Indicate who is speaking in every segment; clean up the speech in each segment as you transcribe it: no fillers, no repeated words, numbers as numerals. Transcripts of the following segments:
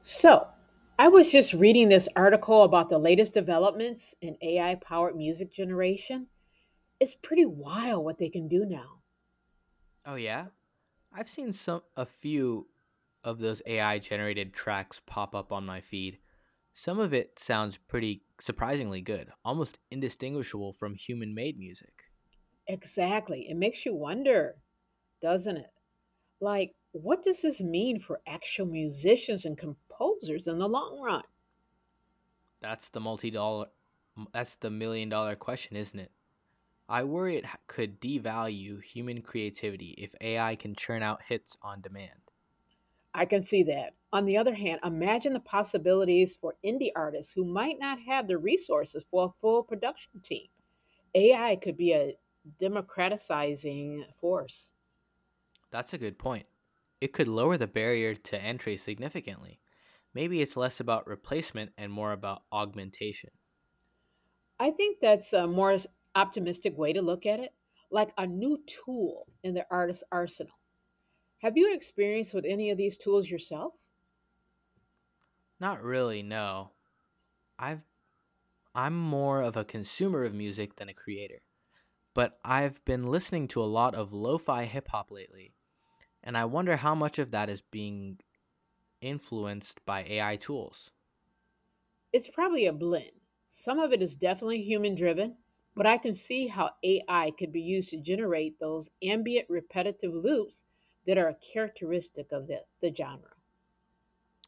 Speaker 1: So, I was just reading this article about the latest developments in AI powered music generation. It's pretty wild what they can do now.
Speaker 2: Oh yeah? I've seen some a few of those AI generated tracks pop up on my feed. Some of it sounds pretty surprisingly good, almost indistinguishable from human-made music.
Speaker 1: Exactly. It makes you wonder, doesn't it? Like, what does this mean for actual musicians and composers in the long run?
Speaker 2: That's the multi-dollar that's the million dollar question, isn't it? I worry it could devalue human creativity if AI can churn out hits on demand.
Speaker 1: I can see that. On the other hand, imagine the possibilities for indie artists who might not have the resources for a full production team. AI could be a democratizing force.
Speaker 2: That's a good point. It could lower the barrier to entry significantly. Maybe it's less about replacement and more about augmentation.
Speaker 1: I think that's a more optimistic way to look at it, like a new tool in the artist's arsenal. Have you experienced with any of these tools yourself?
Speaker 2: Not really, no. I've I'm more of a consumer of music than a creator, but I've been listening to a lot of lo-fi hip hop lately, and I wonder how much of that is being influenced by AI tools.
Speaker 1: It's probably a blend. Some of it is definitely human driven, but I can see how AI could be used to generate those ambient repetitive loops that are characteristic of the genre.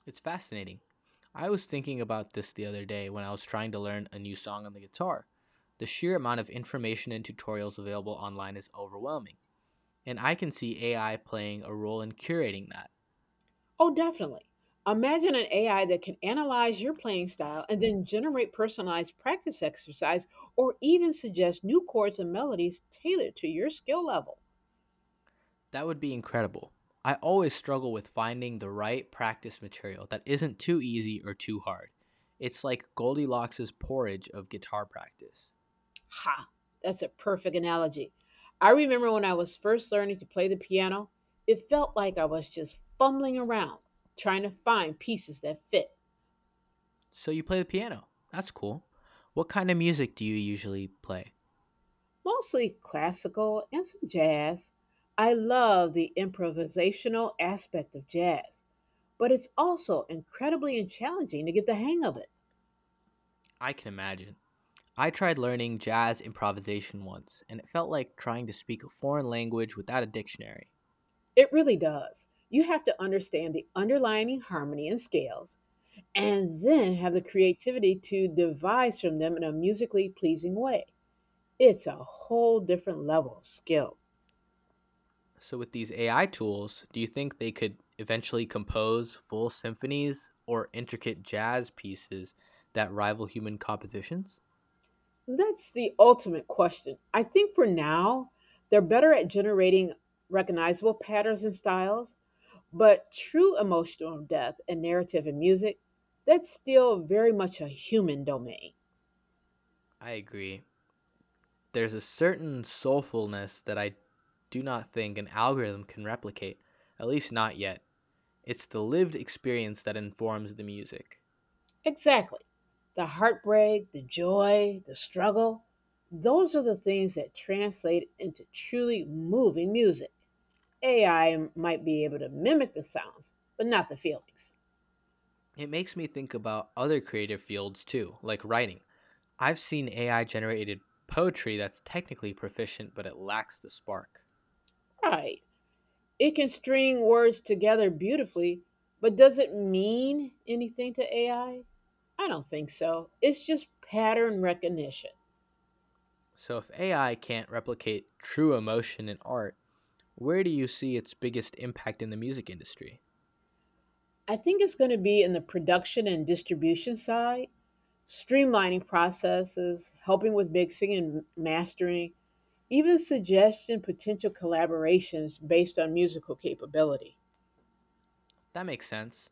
Speaker 2: It's fascinating. I was thinking about this the other day when I was trying to learn a new song on the guitar. The sheer amount of information and tutorials available online is overwhelming, and I can see AI playing a role in curating that.
Speaker 1: Oh, definitely. Imagine an AI that can analyze your playing style and then generate personalized practice exercise or even suggest new chords and melodies tailored to your skill level.
Speaker 2: That would be incredible. I always struggle with finding the right practice material that isn't too easy or too hard. It's like Goldilocks' porridge of guitar practice.
Speaker 1: Ha, that's a perfect analogy. I remember when I was first learning to play the piano, it felt like I was just fumbling around trying to find pieces that fit,
Speaker 2: So you play the piano. That's cool. What kind of music do you usually play?
Speaker 1: mostly classical and some jazz. I love the improvisational aspect of jazz but it's also incredibly challenging to get the hang of it.
Speaker 2: I can imagine. I tried learning jazz improvisation once, and it felt like trying to speak a foreign language without a dictionary.
Speaker 1: It really does. You have to understand the underlying harmony and scales and then have the creativity to devise from them in a musically pleasing way. It's a whole different level of skill.
Speaker 2: So, with these AI tools, do you think they could eventually compose full symphonies or intricate jazz pieces that rival human compositions?
Speaker 1: That's the ultimate question. I think for now, they're better at generating recognizable patterns and styles, but true emotional depth and narrative in music, that's still very much a human domain.
Speaker 2: I agree. There's a certain soulfulness that I do not think an algorithm can replicate, at least not yet. It's the lived experience that informs the music.
Speaker 1: Exactly. The heartbreak, the joy, the struggle, those are the things that translate into truly moving music. AI might be able to mimic the sounds, but not the feelings.
Speaker 2: It makes me think about other creative fields too, like writing. I've seen AI generated poetry that's technically proficient, but it lacks the spark.
Speaker 1: Right. It can string words together beautifully, but does it mean anything to AI? I don't think so. It's just pattern recognition.
Speaker 2: So, if AI can't replicate true emotion in art, where do you see its biggest impact in the music industry?
Speaker 1: I think it's going to be in the production and distribution side streamlining processes, helping with mixing and mastering, even suggesting potential collaborations based on musical capability.
Speaker 2: That makes sense.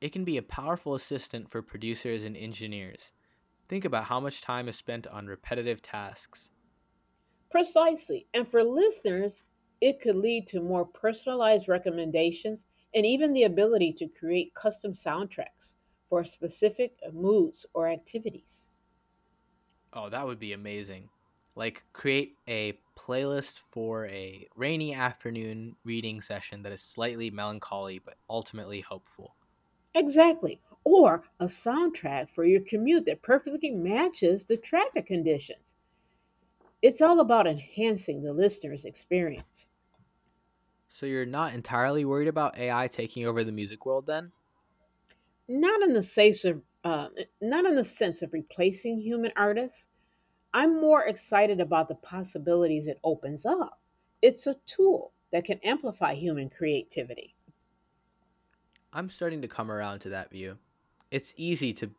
Speaker 2: It can be a powerful assistant for producers and engineers. Think about how much time is spent on repetitive tasks.
Speaker 1: Precisely. And for listeners, it could lead to more personalized recommendations and even the ability to create custom soundtracks for specific moods or activities.
Speaker 2: Oh, that would be amazing. Like, create a playlist for a rainy afternoon reading session that is slightly melancholy but ultimately hopeful.
Speaker 1: Exactly. Or a soundtrack for your commute that perfectly matches the traffic conditions. It's all about enhancing the listener's experience.
Speaker 2: So, you're not entirely worried about AI taking over the music world then?
Speaker 1: Not in the sense of Not in the sense of replacing human artists. I'm more excited about the possibilities it opens up. It's a tool that can amplify human creativity.
Speaker 2: I'm starting to come around to that view. It's easy to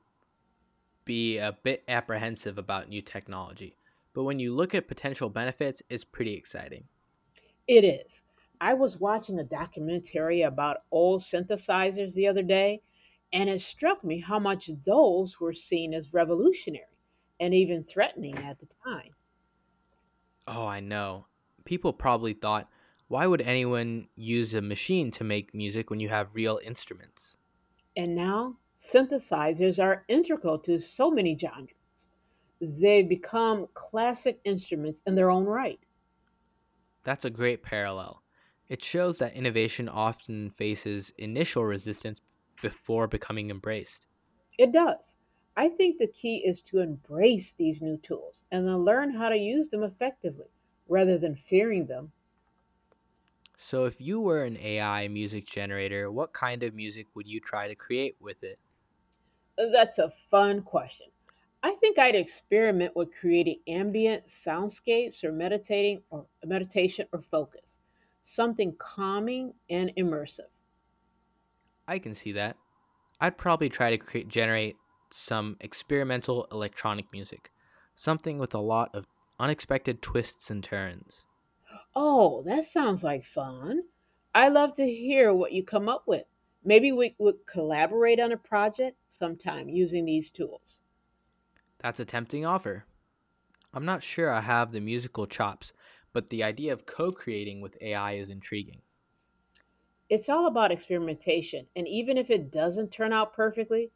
Speaker 2: be a bit apprehensive about new technology, but when you look at potential benefits, it's pretty exciting.
Speaker 1: It is. I was watching a documentary about old synthesizers the other day, and it struck me how much those were seen as revolutionary and even threatening at the time.
Speaker 2: Oh, I know. People probably thought, why would anyone use a machine to make music when you have real instruments?
Speaker 1: And now synthesizers are integral to so many genres. They become classic instruments in their own right.
Speaker 2: That's a great parallel. It shows that innovation often faces initial resistance before becoming embraced.
Speaker 1: It does. I think the key is to embrace these new tools and then learn how to use them effectively rather than fearing them.
Speaker 2: So, if you were an AI music generator, what kind of music would you try to create with it?
Speaker 1: That's a fun question. I think I'd experiment with creating ambient soundscapes or meditating or meditation or focus, something calming and immersive.
Speaker 2: I can see that. I'd probably try to generate some experimental electronic music, something with a lot of unexpected twists and turns.
Speaker 1: Oh, that sounds like fun. I love to hear what you come up with. Maybe we would collaborate on a project sometime using these tools.
Speaker 2: That's a tempting offer. I'm not sure I have the musical chops, but the idea of co creating with AI is intriguing.
Speaker 1: It's all about experimentation, and even if it doesn't turn out perfectly,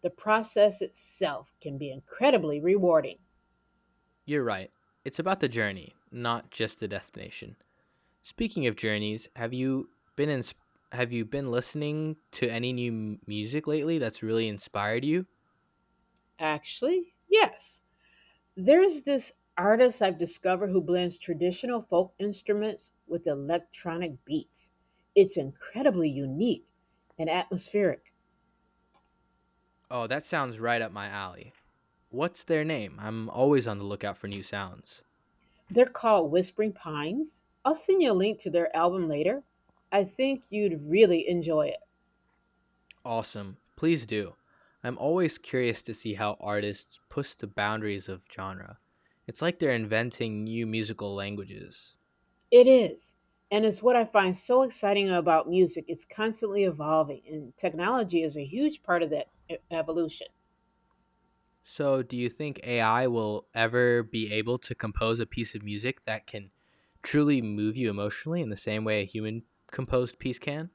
Speaker 1: the process itself can be incredibly rewarding.
Speaker 2: You're right. It's about the journey, not just the destination. Speaking of journeys, been in, have you been listening to any new music lately that's really inspired you?
Speaker 1: Actually, yes. There's this artist I've discovered who blends traditional folk instruments with electronic beats. It's incredibly unique and atmospheric.
Speaker 2: Oh, that sounds right up my alley. What's their name? I'm always on the lookout for new sounds.
Speaker 1: They're called Whispering Pines. I'll send you a link to their album later. I think you'd really enjoy it.
Speaker 2: Awesome. Please do. I'm always curious to see how artists push the boundaries of genre. It's like they're inventing new musical languages.
Speaker 1: It is. And it's what I find so exciting about music. It's constantly evolving, and technology is a huge part of that evolution.
Speaker 2: So, do you think AI will ever be able to compose a piece of music that can truly move you emotionally in the same way a human composed piece can?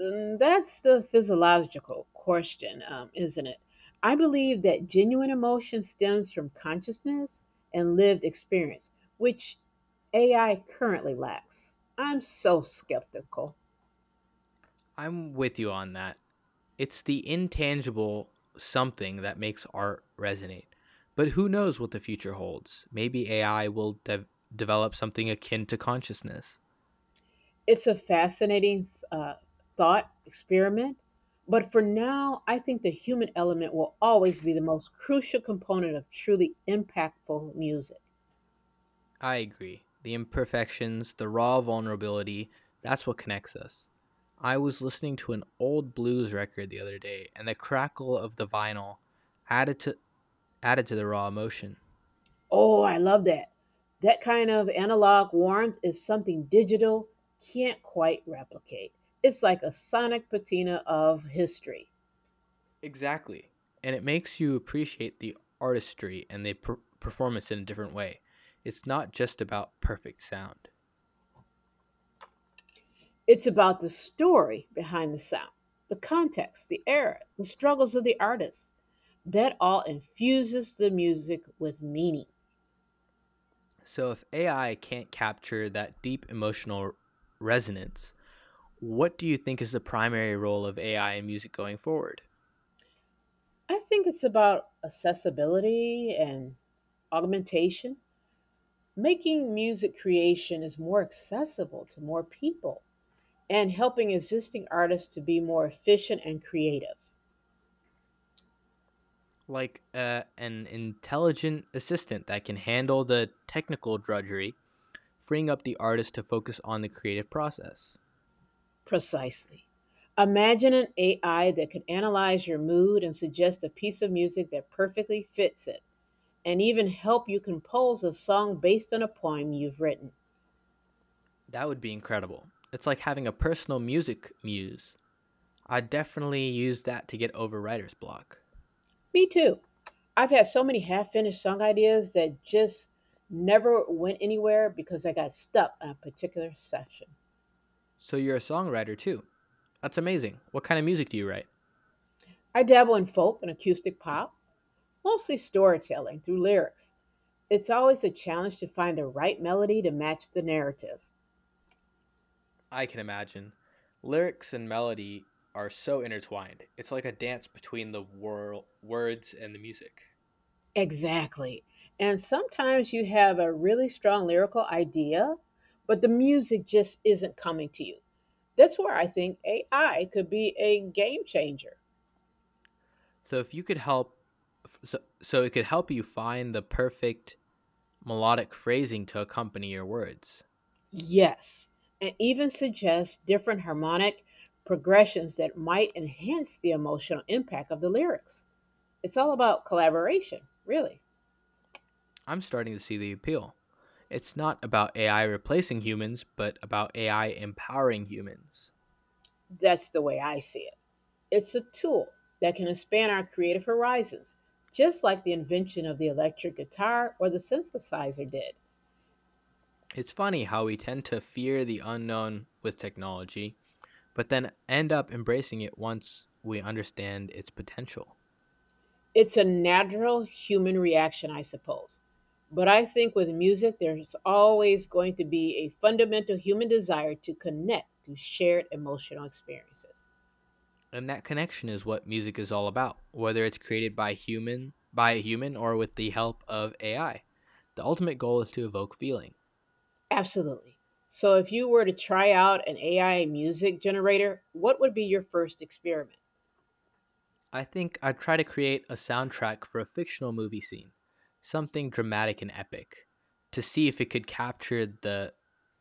Speaker 1: Mm, that's the physiological question, isn't it? I believe that genuine emotion stems from consciousness and lived experience, which AI currently lacks. I'm so skeptical.
Speaker 2: I'm with you on that. It's the intangible something that makes art resonate. But who knows what the future holds? Maybe AI will develop something akin to consciousness.
Speaker 1: It's a fascinating thought experiment, but for now, I think the human element will always be the most crucial component of truly impactful music.
Speaker 2: I agree. The imperfections, the raw vulnerability, that's what connects us. I was listening to an old blues record the other day, and the crackle of the vinyl added to added to the raw emotion.
Speaker 1: Oh, I love that. That kind of analog warmth is something digital can't quite replicate. It's like a sonic patina of history.
Speaker 2: Exactly. And it makes you appreciate the artistry and the performance in a different way. It's not just about perfect sound.
Speaker 1: It's about the story behind the sound, the context, the era, the struggles of the artist. That all infuses the music with meaning.
Speaker 2: So if AI can't capture that deep emotional resonance, what do you think is the primary role of AI in music going forward?
Speaker 1: I think it's about accessibility and augmentation. Making music creation is more accessible to more people and helping existing artists to be more efficient and creative.
Speaker 2: Like an intelligent assistant that can handle the technical drudgery, freeing up the artist to focus on the creative process.
Speaker 1: Precisely. Imagine an AI that could analyze your mood and suggest a piece of music that perfectly fits it, and even help you compose a song based on a poem you've written.
Speaker 2: That would be incredible. It's like having a personal music muse. I definitely use that to get over writer's block.
Speaker 1: Me too. I've had so many half finished song ideas that just never went anywhere because I got stuck on a particular session.
Speaker 2: So you're a songwriter too. That's amazing. What kind of music do you write?
Speaker 1: I dabble in folk and acoustic pop, mostly storytelling through lyrics. It's always a challenge to find the right melody to match the narrative.
Speaker 2: I can imagine. Lyrics and melody are so intertwined. It's like a dance between the words and the music.
Speaker 1: Exactly. And sometimes you have a really strong lyrical idea, but the music just isn't coming to you. That's where I think AI could be a game changer.
Speaker 2: So if you could help, so, so it could help you find the perfect melodic phrasing to accompany your words.
Speaker 1: Yes, and even suggest different harmonic progressions that might enhance the emotional impact of the lyrics. It's all about collaboration, really.
Speaker 2: I'm starting to see the appeal. It's not about AI replacing humans, but about AI empowering humans.
Speaker 1: That's the way I see it. It's a tool that can expand our creative horizons, just like the invention of the electric guitar or the synthesizer did.
Speaker 2: It's funny how we tend to fear the unknown with technology, but then end up embracing it once we understand its potential.
Speaker 1: It's a natural human reaction, I suppose. But I think with music, there's always going to be a fundamental human desire to connect through shared emotional experiences.
Speaker 2: And that connection is what music is all about, whether it's by a human or with the help of AI. The ultimate goal is to evoke feeling.
Speaker 1: Absolutely. So, if you were to try out an AI music generator, what would be your first experiment?
Speaker 2: I think I'd try to create a soundtrack for a fictional movie scene, something dramatic and epic, to see if it could capture the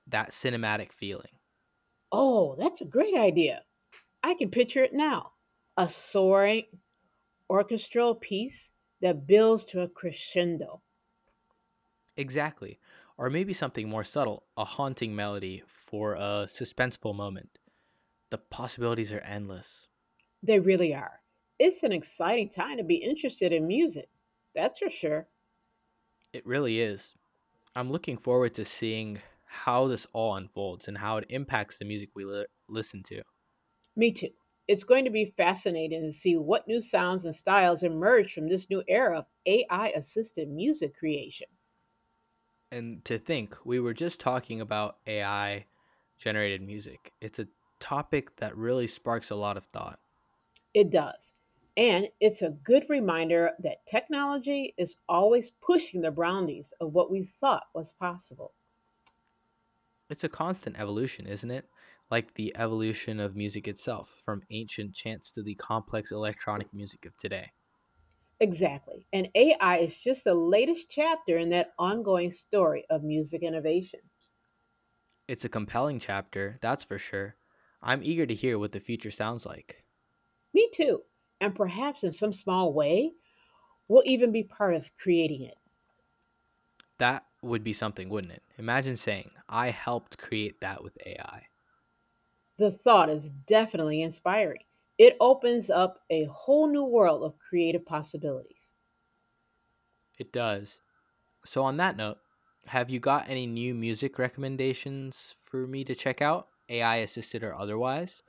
Speaker 2: that cinematic feeling.
Speaker 1: Oh, that's a great idea. I can picture it now. A soaring orchestral piece that builds to a crescendo.
Speaker 2: Exactly. Or maybe something more subtle, a haunting melody for a suspenseful moment. The possibilities are endless.
Speaker 1: They really are. It's an exciting time to be interested in music. That's for sure.
Speaker 2: It really is. I'm looking forward to seeing how this all unfolds and how it impacts the music we listen to.
Speaker 1: Me too. It's going to be fascinating to see what new sounds and styles emerge from this new era of AI assisted music creation.
Speaker 2: And to think, we were just talking about AI generated music. It's a topic that really sparks a lot of thought.
Speaker 1: It does. And it's a good reminder that technology is always pushing the boundaries of what we thought was possible.
Speaker 2: It's a constant evolution, isn't it? Like the evolution of music itself, from ancient chants to the complex electronic music of today.
Speaker 1: Exactly. And AI is just the latest chapter in that ongoing story of music innovation.
Speaker 2: It's a compelling chapter, that's for sure. I'm eager to hear what the future sounds like.
Speaker 1: Me too. And perhaps in some small way, we'll even be part of creating it.
Speaker 2: That would be something, wouldn't it? Imagine saying, I helped create that with AI.
Speaker 1: The thought is definitely inspiring. It opens up a whole new world of creative possibilities.
Speaker 2: It does. So, on that note, have you got any new music recommendations for me to check out, AI assisted or otherwise?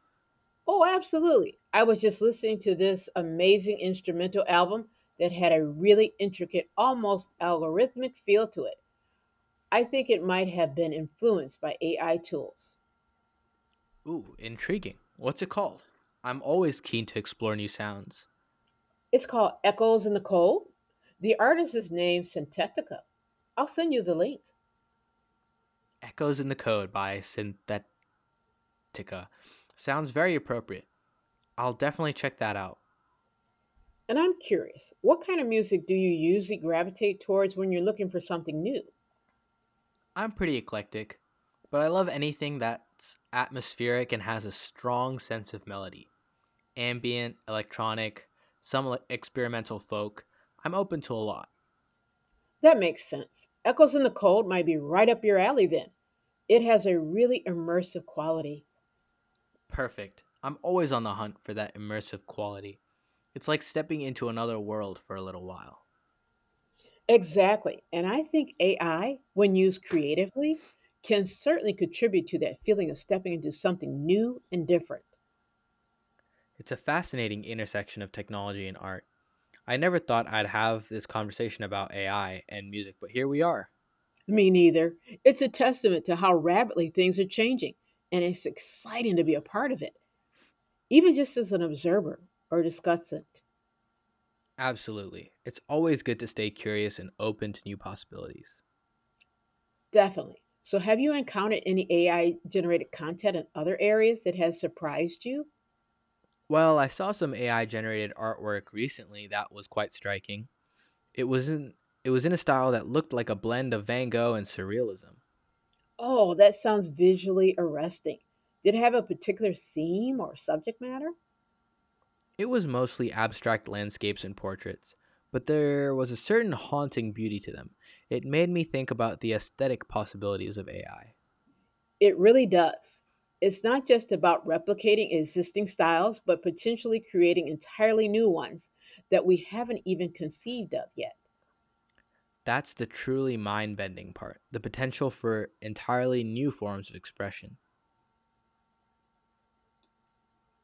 Speaker 1: Oh, absolutely. I was just listening to this amazing instrumental album that had a really intricate, almost algorithmic feel to it. I think it might have been influenced by AI tools.
Speaker 2: Ooh, intriguing. What's it called? I'm always keen to explore new sounds.
Speaker 1: It's called Echoes in the Cold. The artist is named Syntetica. I'll send you the link.
Speaker 2: Echoes in the Code by Synthetica. Sounds very appropriate. I'll definitely check that out.
Speaker 1: And I'm curious, what kind of music do you usually gravitate towards when you're looking for something new?
Speaker 2: I'm pretty eclectic, but I love anything that's atmospheric and has a strong sense of melody. Ambient, electronic, some like, experimental folk. I'm open to a lot.
Speaker 1: That makes sense. Echoes in the Cold might be right up your alley then. It has a really immersive quality.
Speaker 2: Perfect. I'm always on the hunt for that immersive quality. It's like stepping into another world for a little while.
Speaker 1: Exactly. And I think AI, when used creatively, can certainly contribute to that feeling of stepping into something new and different.
Speaker 2: It's a fascinating intersection of technology and art. I never thought I'd have this conversation about AI and music, but here we are.
Speaker 1: Me neither. It's a testament to how rapidly things are changing, and it's exciting to be a part of it, even just as an observer or discussant.
Speaker 2: Absolutely. It's always good to stay curious and open to new possibilities.
Speaker 1: Definitely. So, have you encountered any AI generated content in other areas that has surprised you?
Speaker 2: Well, I saw some AI generated artwork recently that was quite striking. It was in it was in a style that looked like a blend of Van Gogh and surrealism.
Speaker 1: Oh, that sounds visually arresting. Did it have a particular theme or subject matter?
Speaker 2: It was mostly abstract landscapes and portraits, but there was a certain haunting beauty to them. It made me think about the aesthetic possibilities of AI.
Speaker 1: It really does. It's not just about replicating existing styles, but potentially creating entirely new ones that we haven't even conceived of yet.
Speaker 2: That's the truly mind bending part, the potential for entirely new forms of expression.